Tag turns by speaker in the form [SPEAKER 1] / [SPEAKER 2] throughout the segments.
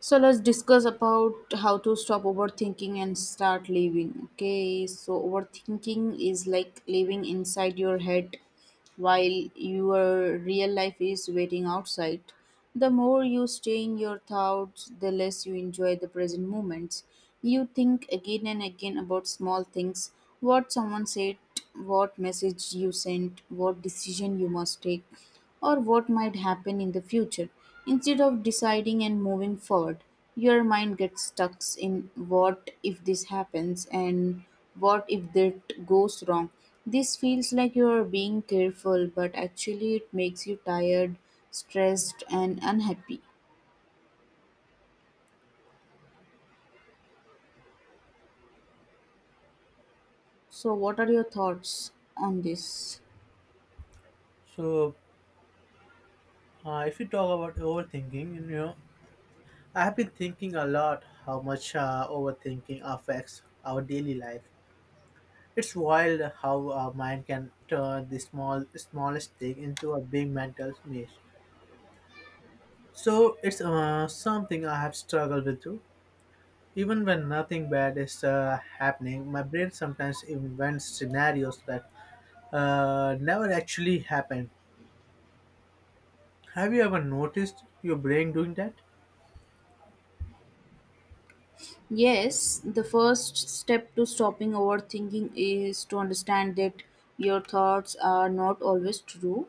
[SPEAKER 1] So let's discuss about how to stop overthinking and start living. Okay, so overthinking is like living inside your head while your real life is waiting outside. The more you stay in your thoughts, the less you enjoy the present moments. You think again and again about small things, what someone said, what message you sent, what decision you must take, or what might happen in the future. Instead of deciding and moving forward, your mind gets stuck in what if this happens and what if that goes wrong. This feels like you're being careful, but actually, it makes you tired, stressed, and unhappy. So, what are your thoughts on this?
[SPEAKER 2] So, if you talk about overthinking, I have been thinking a lot how much overthinking affects our daily life. It's wild how our mind can turn the smallest thing into a big mental maze. So it's something I have struggled with too. Even when nothing bad is happening, my brain sometimes invents scenarios that never actually happen. Have you ever noticed your brain doing that?
[SPEAKER 1] Yes, the first step to stopping overthinking is to understand that your thoughts are not always true.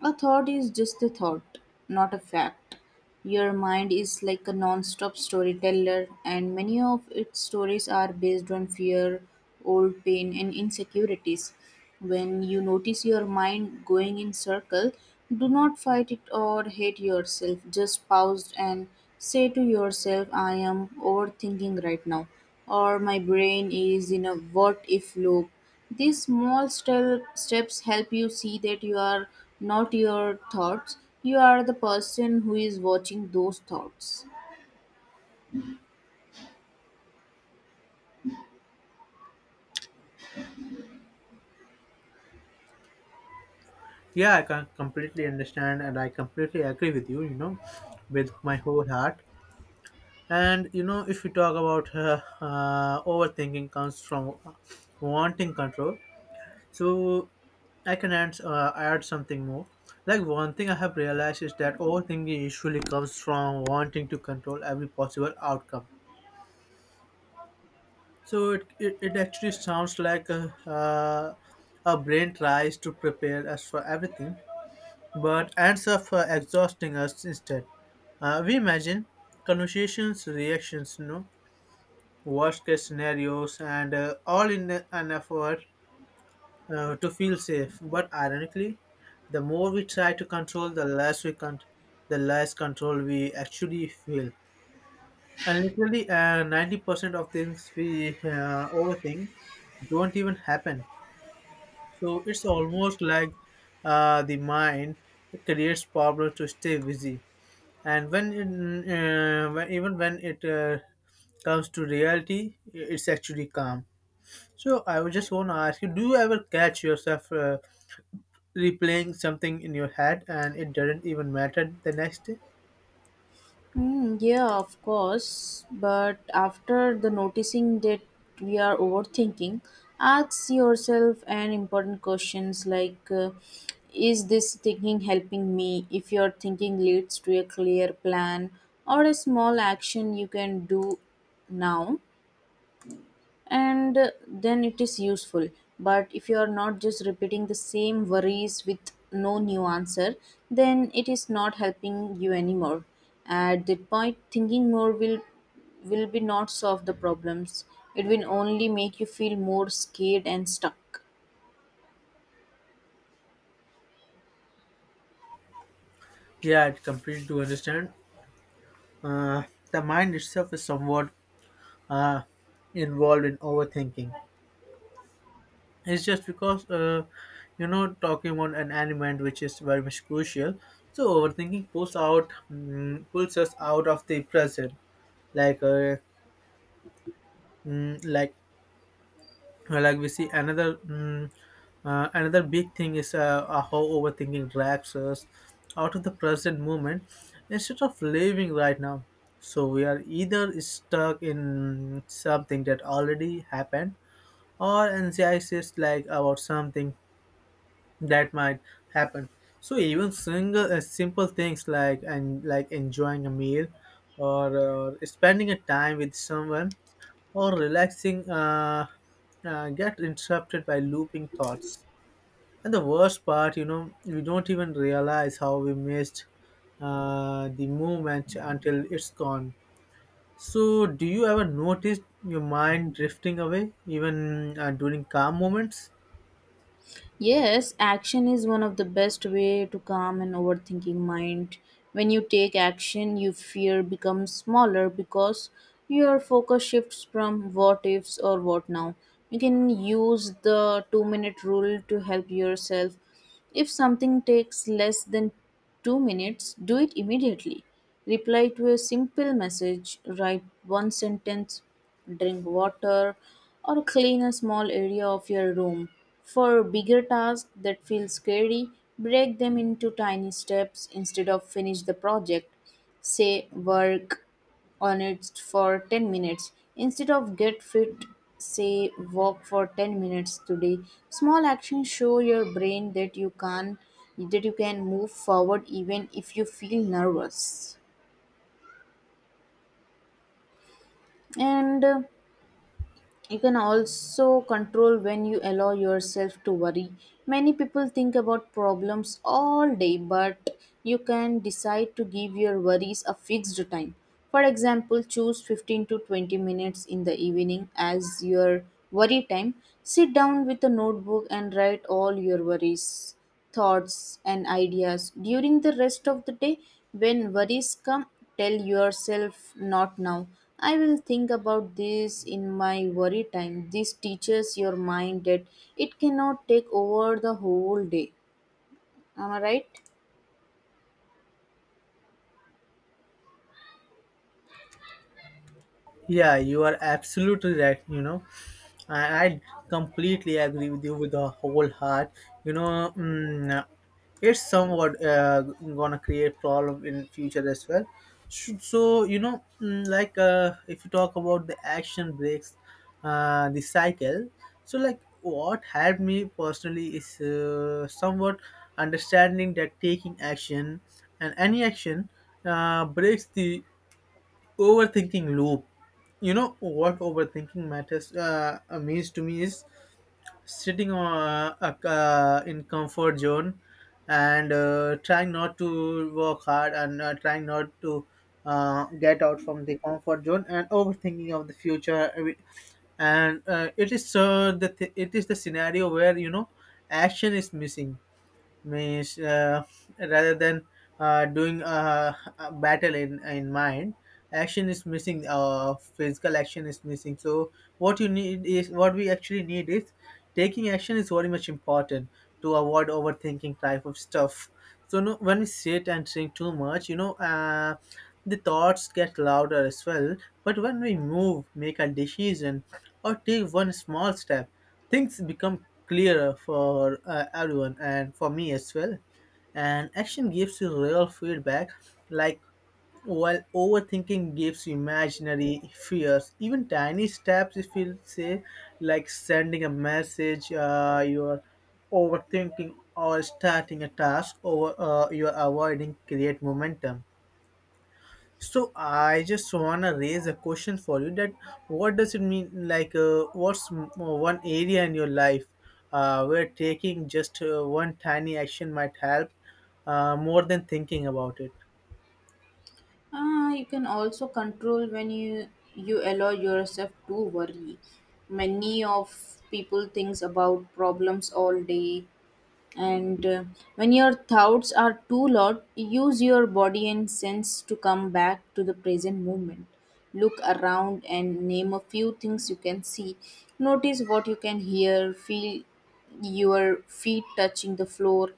[SPEAKER 1] A thought is just a thought, not a fact. Your mind is like a non stop storyteller, and many of its stories are based on fear, old pain, and insecurities. When you notice your mind going in circle, do not fight it or hate yourself. Just pause and say to yourself, I am overthinking right now, or my brain is in a what if loop. These small steps help you see that you are not your thoughts, you are the person who is watching those thoughts.
[SPEAKER 2] Yeah, I can completely understand and I completely agree with you, with my whole heart. And, if we talk about overthinking comes from wanting control. So I can add something more. Like one thing I have realized is that overthinking usually comes from wanting to control every possible outcome. So it actually sounds like a a brain tries to prepare us for everything but ends up exhausting us instead. We imagine conversations, reactions, worst case scenarios, and all in an effort to feel safe. But ironically, the more we try to control, the less we can, the less control we actually feel. And literally, 90% of things we overthink don't even happen. So it's almost like the mind creates problems to stay busy and even when it comes to reality, it's actually calm. So I would just want to ask you, do you ever catch yourself replaying something in your head and it doesn't even matter the next day?
[SPEAKER 1] Hmm, yeah, of course. But after the noticing that we are overthinking, ask yourself an important questions like, is this thinking helping me? If your thinking leads to a clear plan or a small action you can do now, and then it is useful. But if you are not just repeating the same worries with no new answer, then it is not helping you anymore. At that point, thinking more will be not solve the problems. It will only make you feel more scared and stuck.
[SPEAKER 2] Yeah, it's complete to understand. uh, the mind itself is somewhat uh, involved in overthinking. It's just because you know, talking about an element which is very much crucial. So overthinking pulls us out of the present, like uh, mm, like like we see another, another big thing is how overthinking drags us out of the present moment instead of living right now. So we are either stuck in something that already happened or anxious like about something that might happen. So even single simple things like and like enjoying a meal, or spending a time with someone, or relaxing get interrupted by looping thoughts. And the worst part, you know, we don't even realize how we missed the moment until it's gone. So do you ever notice your mind drifting away even during calm moments?
[SPEAKER 1] Yes, action is one of the best way to calm an overthinking mind. When you take action, your fear becomes smaller because your focus shifts from what ifs or what now. You can use the 2-minute minute rule to help yourself. If something takes less than 2 minutes, do it immediately. Reply to a simple message, write one sentence, drink water, or clean a small area of your room. For bigger tasks that feel scary, break them into tiny steps instead of finish the project. Say work on it for 10 minutes. Instead of get fit, say walk for 10 minutes today. Small actions show your brain that you can move forward even if you feel nervous. And you can also control when you allow yourself to worry. Many people think about problems all day, but you can decide to give your worries a fixed time. For example, choose 15 to 20 minutes in the evening as your worry time. Sit down with a notebook and write all your worries, thoughts, and ideas. During the rest of the day, when worries come, tell yourself, not now, I will think about this in my worry time. This teaches your mind that it cannot take over the whole day. Am I right?
[SPEAKER 2] Yeah, you are absolutely right. You know, I completely agree with you with the whole heart. You know, it's somewhat gonna create problem in future as well. So, you know, like if you talk about the action breaks, the cycle. So, like what helped me personally is somewhat understanding that taking action, and any action, breaks the overthinking loop. You know what overthinking matters means to me is sitting on in comfort zone and trying not to work hard and trying not to get out from the comfort zone and overthinking of the future, I mean, and it is it is the scenario where, you know, action is missing. Means rather than doing a battle in mind, action is missing, physical action is missing. So what we actually need is taking action is very much important to avoid overthinking type of stuff. So no, when we sit and think too much, you know, the thoughts get louder as well. But when we move, make a decision or take one small step, things become clearer for everyone and for me as well. And action gives you real feedback, like, while overthinking gives you imaginary fears. Even tiny steps, if you say, like sending a message, you're overthinking, or starting a task, or you're avoiding, create momentum. So I just wanna raise a question for you that what does it mean, like one area in your life where taking just one tiny action might help more than thinking about it.
[SPEAKER 1] Ah, you can also control when you allow yourself to worry. Many of people thinks about problems all day, and when your thoughts are too loud, use your body and sense to come back to the present moment. Look around and name a few things you can see. Notice what you can hear, feel your feet touching the floor.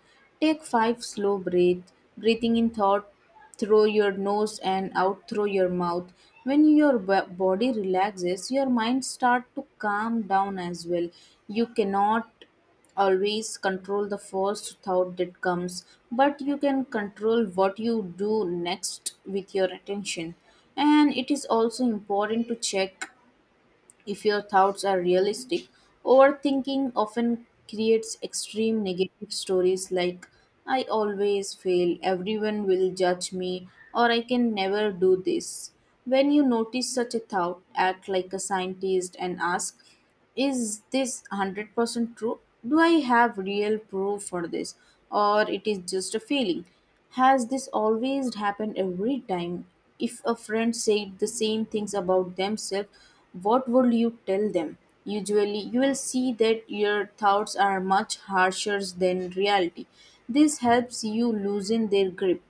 [SPEAKER 1] Take five slow breaths, breathing in thought through your nose and out through your mouth. When your body relaxes, your mind start to calm down as well. You cannot always control the first thought that comes, but you can control what you do next with your attention. And it is also important to check if your thoughts are realistic. Overthinking often creates extreme negative stories like, I always fail, everyone will judge me, or I can never do this. When you notice such a thought, act like a scientist and ask, is this 100% true? Do I have real proof for this, or it is just a feeling? Has this always happened every time? If a friend said the same things about themselves, what would you tell them? Usually you will see that your thoughts are much harsher than reality. This helps you loosen their grip.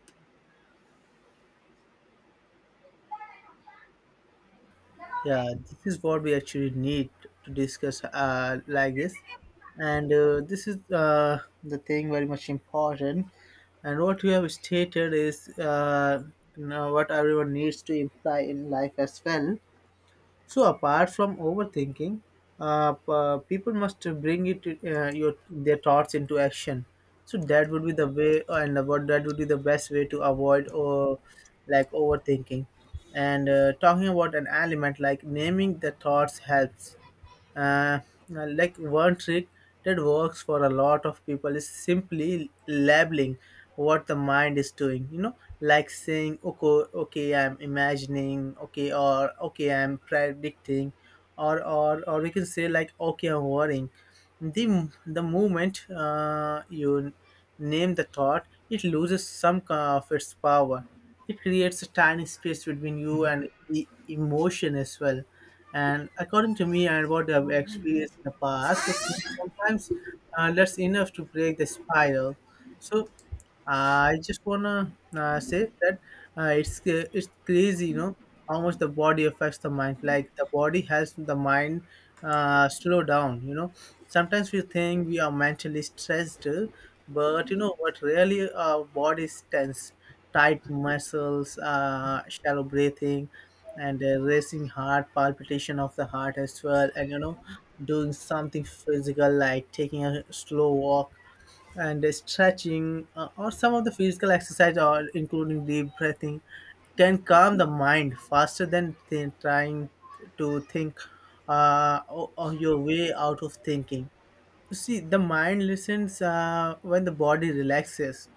[SPEAKER 2] Yeah, this is what we actually need to discuss like this, and this is the thing very much important. And what you have stated is you know, what everyone needs to imply in life as well. So apart from overthinking, people must bring it your their thoughts into action. So that would be the way, and what that would be the best way to avoid or like overthinking. And talking about an element like naming the thoughts helps uh, like one trick that works for a lot of people is simply labeling what the mind is doing, you know, like saying, okay, I'm imagining, okay, or okay, I'm predicting, or we can say like, okay, I'm worrying. The moment you name the thought, it loses some kind of its power. It creates a tiny space between you and the emotion as well. And according to me and what I've experienced in the past, this thing sometimes that's enough to break the spiral. So I just wanna say that it's crazy, you know, how much the body affects the mind. Like the body helps the mind slow down. You know, sometimes we think we are mentally stressed, but you know what? Really, our body is tense, tight muscles, shallow breathing, and a racing heart, palpitation of the heart as well, and you know, doing something physical like taking a slow walk and stretching, or some of the physical exercise, or including deep breathing, can calm the mind faster than trying to think on your way out of thinking. See, the mind listens when the body relaxes.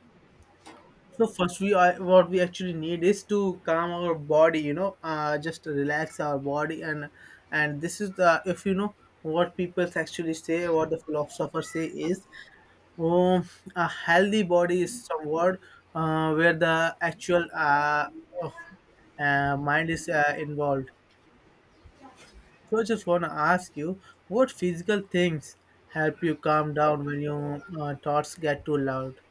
[SPEAKER 2] So first, what we actually need is to calm our body. You know, just to relax our body, and this is the, if you know what people actually say, what the philosophers say is, oh, a healthy body is some word where the actual of- mind is involved. So I just want to ask you, what physical things help you calm down when your thoughts get too loud?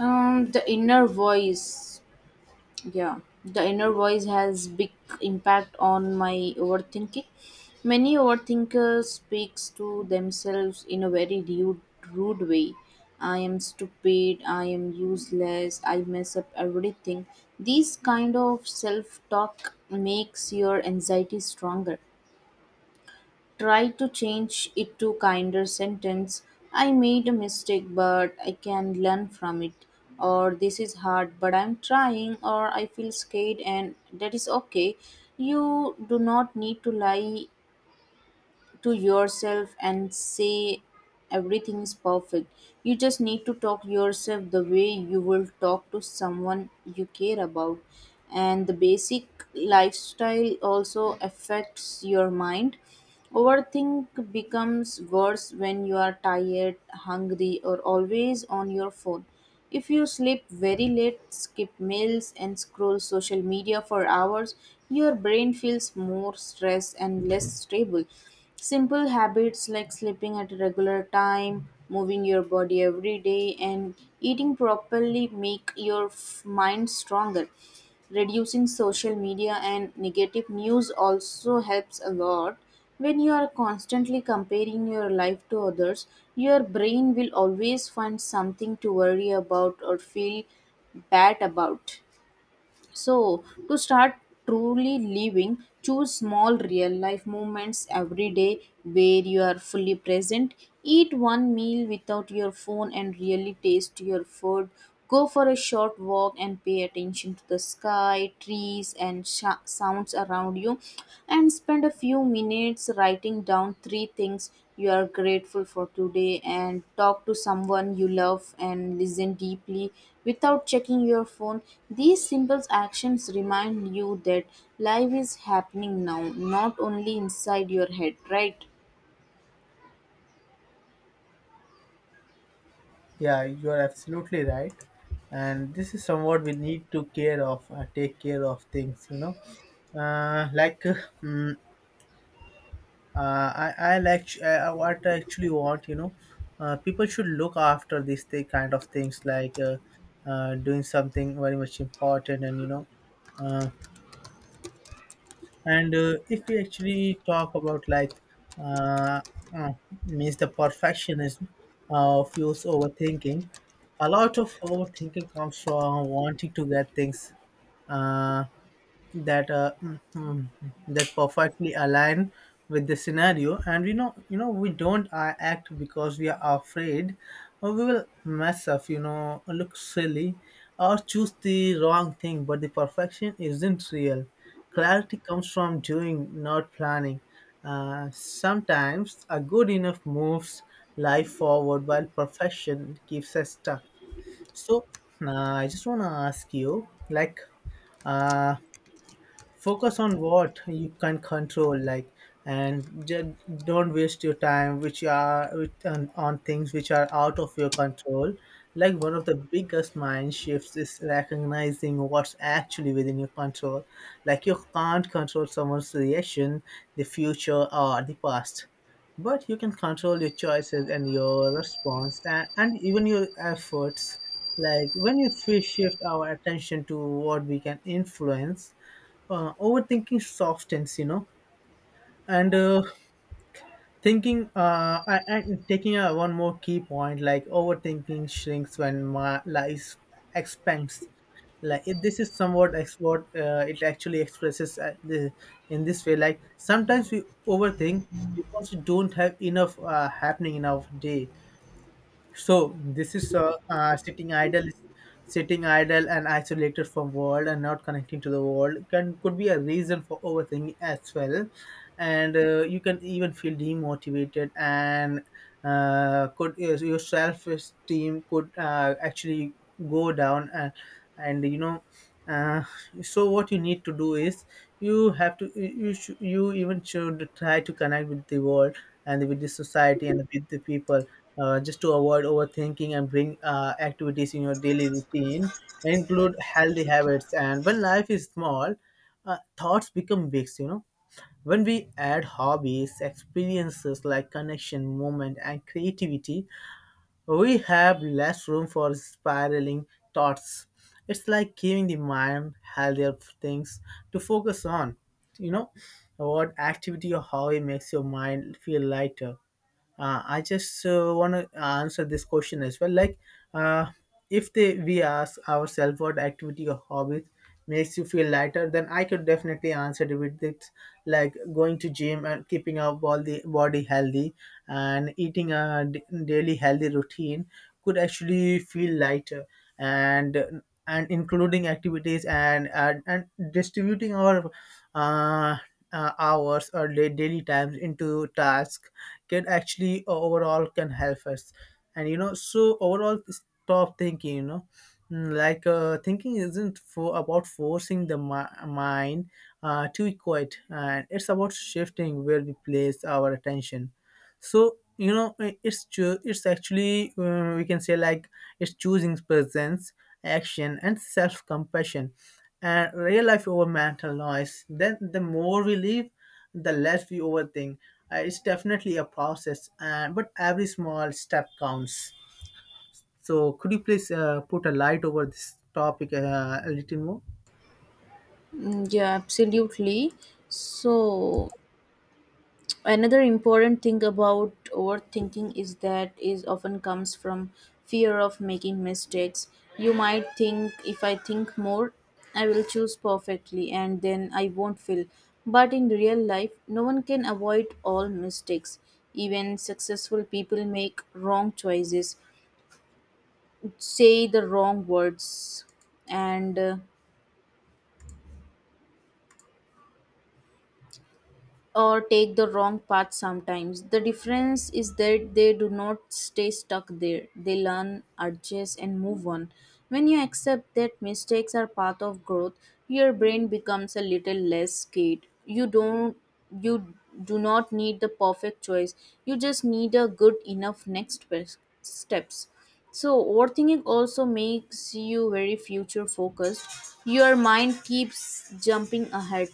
[SPEAKER 1] The inner voice Yeah, the inner voice has big impact on my overthinking. Many overthinkers speaks to themselves in a very rude way. I am stupid, I am useless, I mess up everything. These kind of self-talk makes your anxiety stronger. Tried to change it to kinder sentence. I made a mistake but I can learn from it, or this is hard but I'm trying, or I feel scared and that is okay. You do not need to lie to yourself and say everything is perfect. You just need to talk yourself the way you will talk to someone you care about. And the basic lifestyle also affects your mind. Overthink becomes worse when you are tired, hungry, or always on your phone. If you sleep very late, skip meals, and scroll social media for hours, your brain feels more stressed and less stable. Simple habits like sleeping at a regular time, moving your body every day, and eating properly make your mind stronger. Reducing social media and negative news also helps a lot. When you are constantly comparing your life to others, your brain will always find something to worry about or feel bad about. So, to start truly living, choose small real life moments every day where you are fully present. Eat one meal without your phone and really taste your food. Go for a short walk and pay attention to the sky, trees, and sounds around you. And spend a few minutes writing down three things you are grateful for today. And talk to someone you love and listen deeply without checking your phone. These simple actions remind you that life is happening now, not only inside your head, right?
[SPEAKER 2] Yeah, you are absolutely right. And this is somewhat we need to care of, take care of things, you know. Uh, like, uh, mm, I like what I actually want, you know. People should look after these kind of things, like doing something very much important, and you know, uh, and if we actually talk about like uh, uh, means the perfectionism fuels overthinking. A lot of overthinking comes from wanting to get things uh, that uh, mm, mm, that perfectly align with the scenario. And you know, we don't act because we are afraid or we will mess up, you know, look silly or choose the wrong thing, but the perfection isn't real. Clarity comes from doing, not planning. Sometimes a good enough moves life forward while perfection keeps us stuck. So I just want to ask you like, uh, focus on what you can control, like, and ju- don't waste your time which are on things which are out of your control. Like one of the biggest mind shifts is recognizing what's actually within your control. Like you can't control someone's reaction, the future or the past, but you can control your choices and your response, and even your efforts. Like when you shift our attention to what we can influence, overthinking softens, you know. And thinking I, and taking one more key point, like overthinking shrinks when my life expands. Like if this is somewhat ex- what it actually expresses at the, in this way, like sometimes we overthink because we don't have enough happening in our day. So this is sitting idle and isolated from world and not connecting to the world can, could be a reason for overthinking as well, and you can even feel demotivated and could your self esteem could actually go down, and you know uh, so what you need to do is, you have to you you even should try to connect with the world and with the society and with the people, just to avoid overthinking, and bring activities in your daily routine, include healthy habits. And when life is small, thoughts become big, you know. When we add hobbies, experiences like connection, movement and creativity, we have less room for spiraling thoughts. It's like giving the mind healthier things to focus on. You know, what activity or hobby makes your mind feel lighter? I just want to answer this question as well. Uh, if they, We ask ourselves, what activity or hobby makes you feel lighter? Then I could definitely answer it with this: like going to gym and keeping our body healthy and eating daily healthy routine could actually feel lighter, and including activities and distributing our uh, hours or daily times into tasks can actually overall can help us. And you know, so overall, stop thinking, you know. Thinking isn't for about forcing the mind to quiet, and it's about shifting where we place our attention. So you know, it's actually, we can say, like it's choosing presence, action, and self-compassion and real life over mental noise. Then the more we live, the less we overthink. It's definitely a process, and but every small step counts. So could you please put a light over this topic a little more?
[SPEAKER 1] Mm, yeah, absolutely. So, another important thing about overthinking is that is often comes from fear of making mistakes. You might think if I think more, I will choose perfectly and then I won't fail. But in real life, no one can avoid all mistakes. Even successful people make wrong choices, say the wrong words, and or take the wrong path sometimes. The difference is that they do not stay stuck there. They learn, adjust, and move on. When you accept that mistakes are part of growth, your brain becomes a little less scared. You do not need the perfect choice. You just need a good enough next best steps. So overthinking also makes you very future focused. Your mind keeps jumping ahead.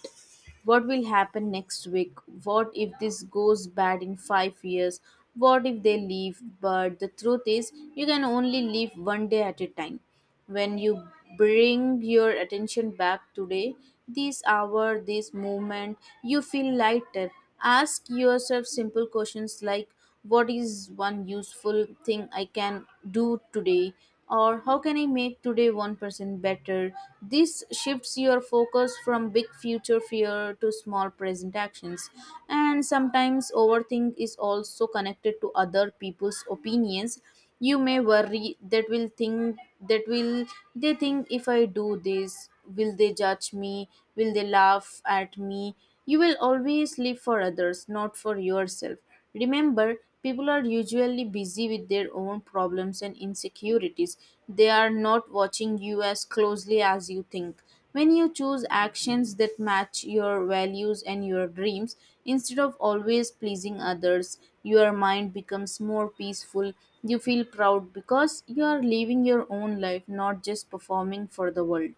[SPEAKER 1] What will happen next week? What if this goes bad in 5 years? What if they leave? But the truth is, you can only live one day at a time. When you bring your attention back today, this hour, this moment, you feel lighter. Ask yourself simple questions like, what is one useful thing I can do today? Or how can I make today 1% better? This shifts your focus from big future fear to small present actions. And sometimes overthink is also connected to other people's opinions. You may worry, that will they think if I do this? Will they judge me? Will they laugh at me? You will always live for others, not for yourself. Remember, people are usually busy with their own problems and insecurities. They are not watching you as closely as you think. When you choose actions that match your values and your dreams, instead of always pleasing others, your mind becomes more peaceful. You feel proud because you are living your own life, not just performing for the world.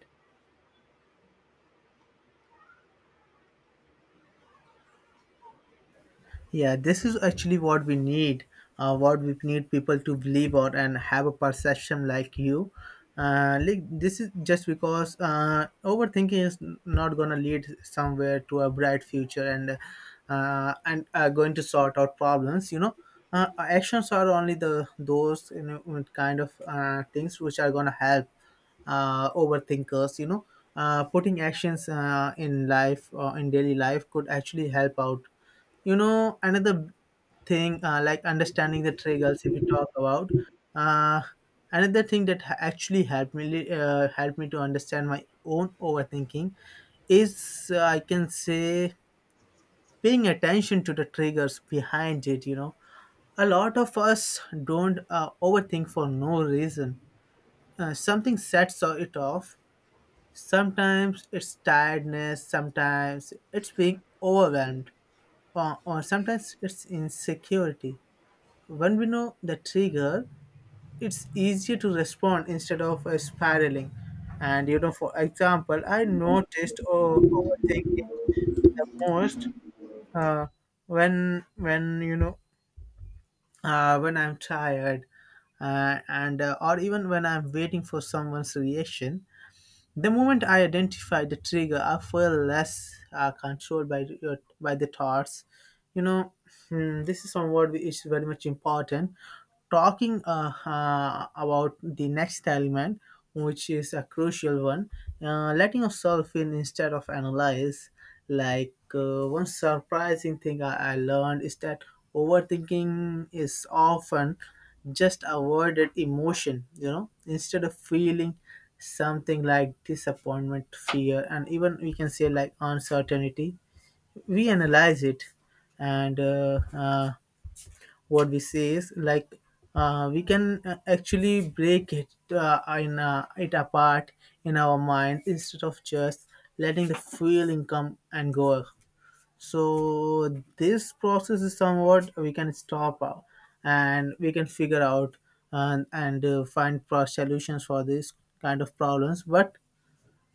[SPEAKER 2] Yeah, this is actually what we need. What we need people to believe or and have a perception like you. Like this is just because overthinking is not gonna lead somewhere to a bright future, and going to sort out problems. You know, actions are only the those, you know, kind of things which are gonna help overthinkers, you know. Putting actions in daily life could actually help out, you know. Another thing, like understanding the triggers. If we talk about, uh, another thing that actually helped me, helped me to understand my own overthinking is, I can say, paying attention to the triggers behind it, you know. A lot of us don't overthink for no reason. Something sets it off. Sometimes it's tiredness, sometimes it's being overwhelmed, or sometimes it's insecurity. When we know the trigger, it's easier to respond instead of spiraling. And you know, for example, I noticed, oh, overthinking the most, uh, when when I'm tired, and or even when I'm waiting for someone's reaction. The moment I identify the trigger, I feel less controlled by your, by the thoughts. You know, hmm, this is somewhat which is very much important. Talking about the next element, which is a crucial one, letting yourself in instead of analyze. One surprising thing I learned is that overthinking is often just avoided emotion. You know, instead of feeling something like disappointment, fear, and even we can say like uncertainty, we analyze it, and what we say is like, we can actually break it apart in our mind instead of just letting the feeling come and go. So this process is somewhat we can stop out, and we can figure out and find solutions for this kind of problems. But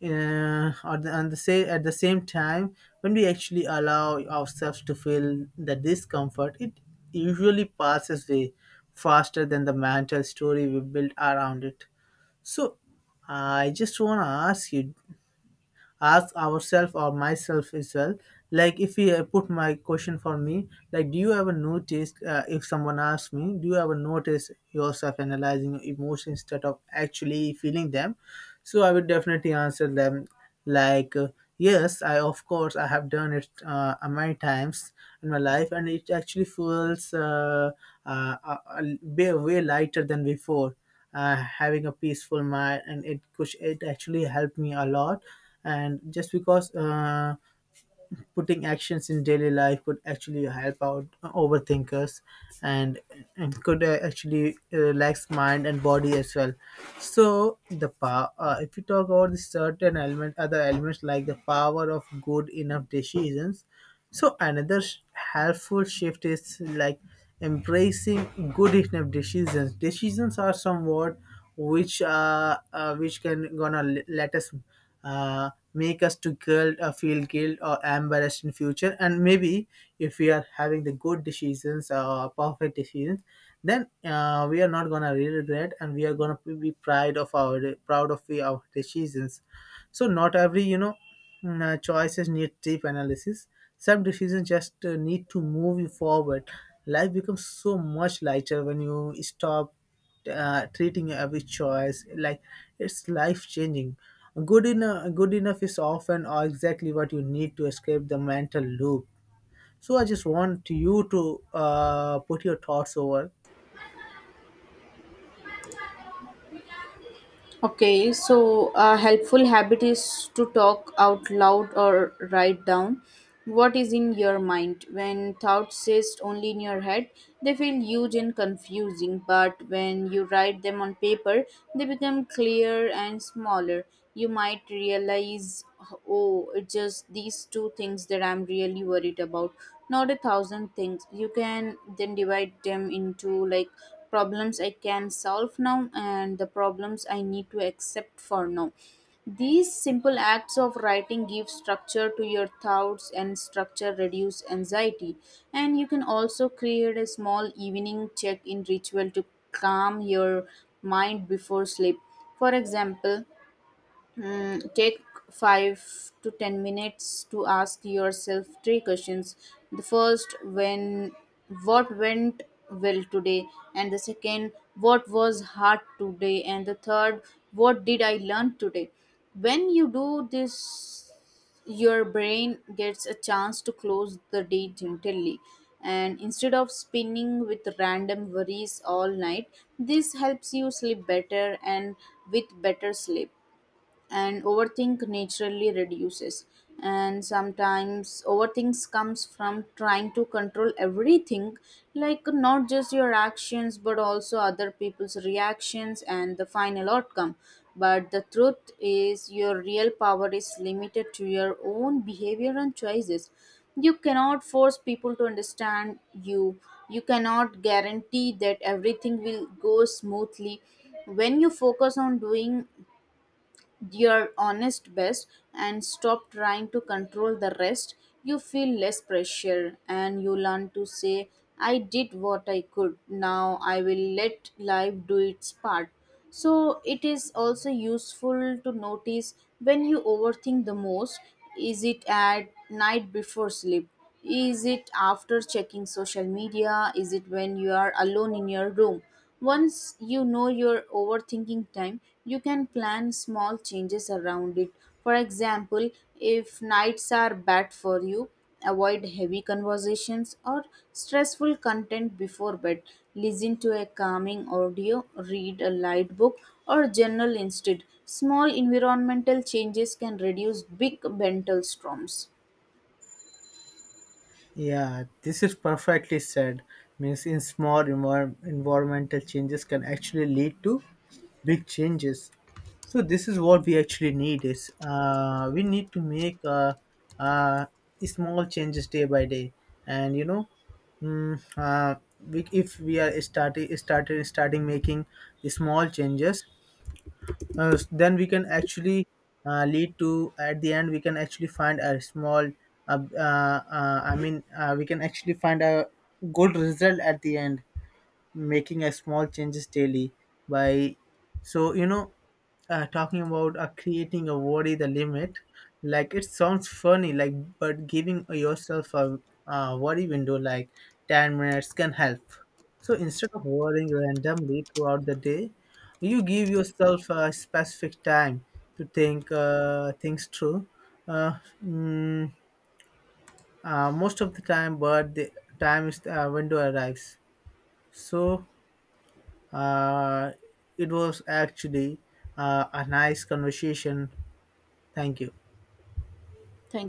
[SPEAKER 2] or the, and the say at the same time, when we actually allow ourselves to feel the discomfort, it usually passes way faster than the mental story we build around it. So I just want to ask you, ask ourselves or myself as well, like if we, put my question for me, like do you ever notice, if someone asks me, do you ever notice yourself analyzing emotions instead of actually feeling them? So I would definitely answer them like, yes, I of course I have done it many times in my life, and it actually feels way lighter than before. Having a peaceful mind, and it actually helped me a lot. And just because putting actions in daily life could actually help out overthinkers, and, and could actually relax mind and body as well. So the power, if you talk about the certain element, other elements, like the power of good enough decisions. So another helpful shift is like embracing good enough decisions. Decisions are somewhat which can gonna let us make us to guilt, feel guilt or embarrassed in future. And maybe if we are having the good decisions or perfect decisions, then we are not gonna really regret, and we are gonna be proud of our decisions. So not every, you know, choices need deep analysis. Some decisions just need to move you forward. Life becomes so much lighter when you stop treating every choice like it's life changing. Good enough is often or exactly what you need to escape the mental loop. So I just want you to put your thoughts over.
[SPEAKER 1] Okay, so a helpful habit is to talk out loud or write down what is in your mind. When thoughts exist only in your head, they feel huge and confusing, but when you write them on paper, they become clear and smaller. You might realize, oh, it's just these two things that I'm really worried about, not a thousand things. You can then divide them into like problems I can solve now and the problems I need to accept for now. These simple acts of writing give structure to your thoughts and structure reduce anxiety. And you can also create a small evening check in ritual to calm your mind before sleep. For example, take 5 to 10 minutes to ask yourself three questions. The first, when what went well today, and the second, what was hard today, and the third, what did I learn today? When you do this, your brain gets a chance to close the day gently. And instead of spinning with random worries all night, this helps you sleep better. And with better sleep, and overthink naturally reduces. And sometimes overthinks comes from trying to control everything, like not just your actions but also other people's reactions and the final outcome. But the truth is, your real power is limited to your own behavior and choices. You cannot force people to understand you. You cannot guarantee that everything will go smoothly. When you focus on doing your honest best and stop trying to control the rest, you feel less pressure and you learn to say, I did what I could. Now I will let life do its part. So it is also useful to notice when you overthink the most. Is it at night before sleep? Is it after checking social media? Is it when you are alone in your room? Once you know your overthinking time, you can plan small changes around it. For example, if nights are bad for you, avoid heavy conversations or stressful content before bed. Listen to a calming audio, read a light book, or journal instead. Small environmental changes can reduce big mental storms.
[SPEAKER 2] Yeah, this is perfectly said. Means in small environmental changes can actually lead to big changes. So this is what we actually need is, we need to make uh, small changes day by day. And you know, if we are starting making the small changes, then we can actually lead to, at the end we can actually find a small we can actually find a good result at the end, making a small changes daily by. So you know, talking about creating a worry the limit, like it sounds funny, like, but giving yourself a worry window like 10 minutes can help. So instead of worrying randomly throughout the day, you give yourself a specific time to think things through. uh, mm, Most of the time, but the time is window arrives. So uh, it was actually a nice conversation. Thank you.
[SPEAKER 1] Thank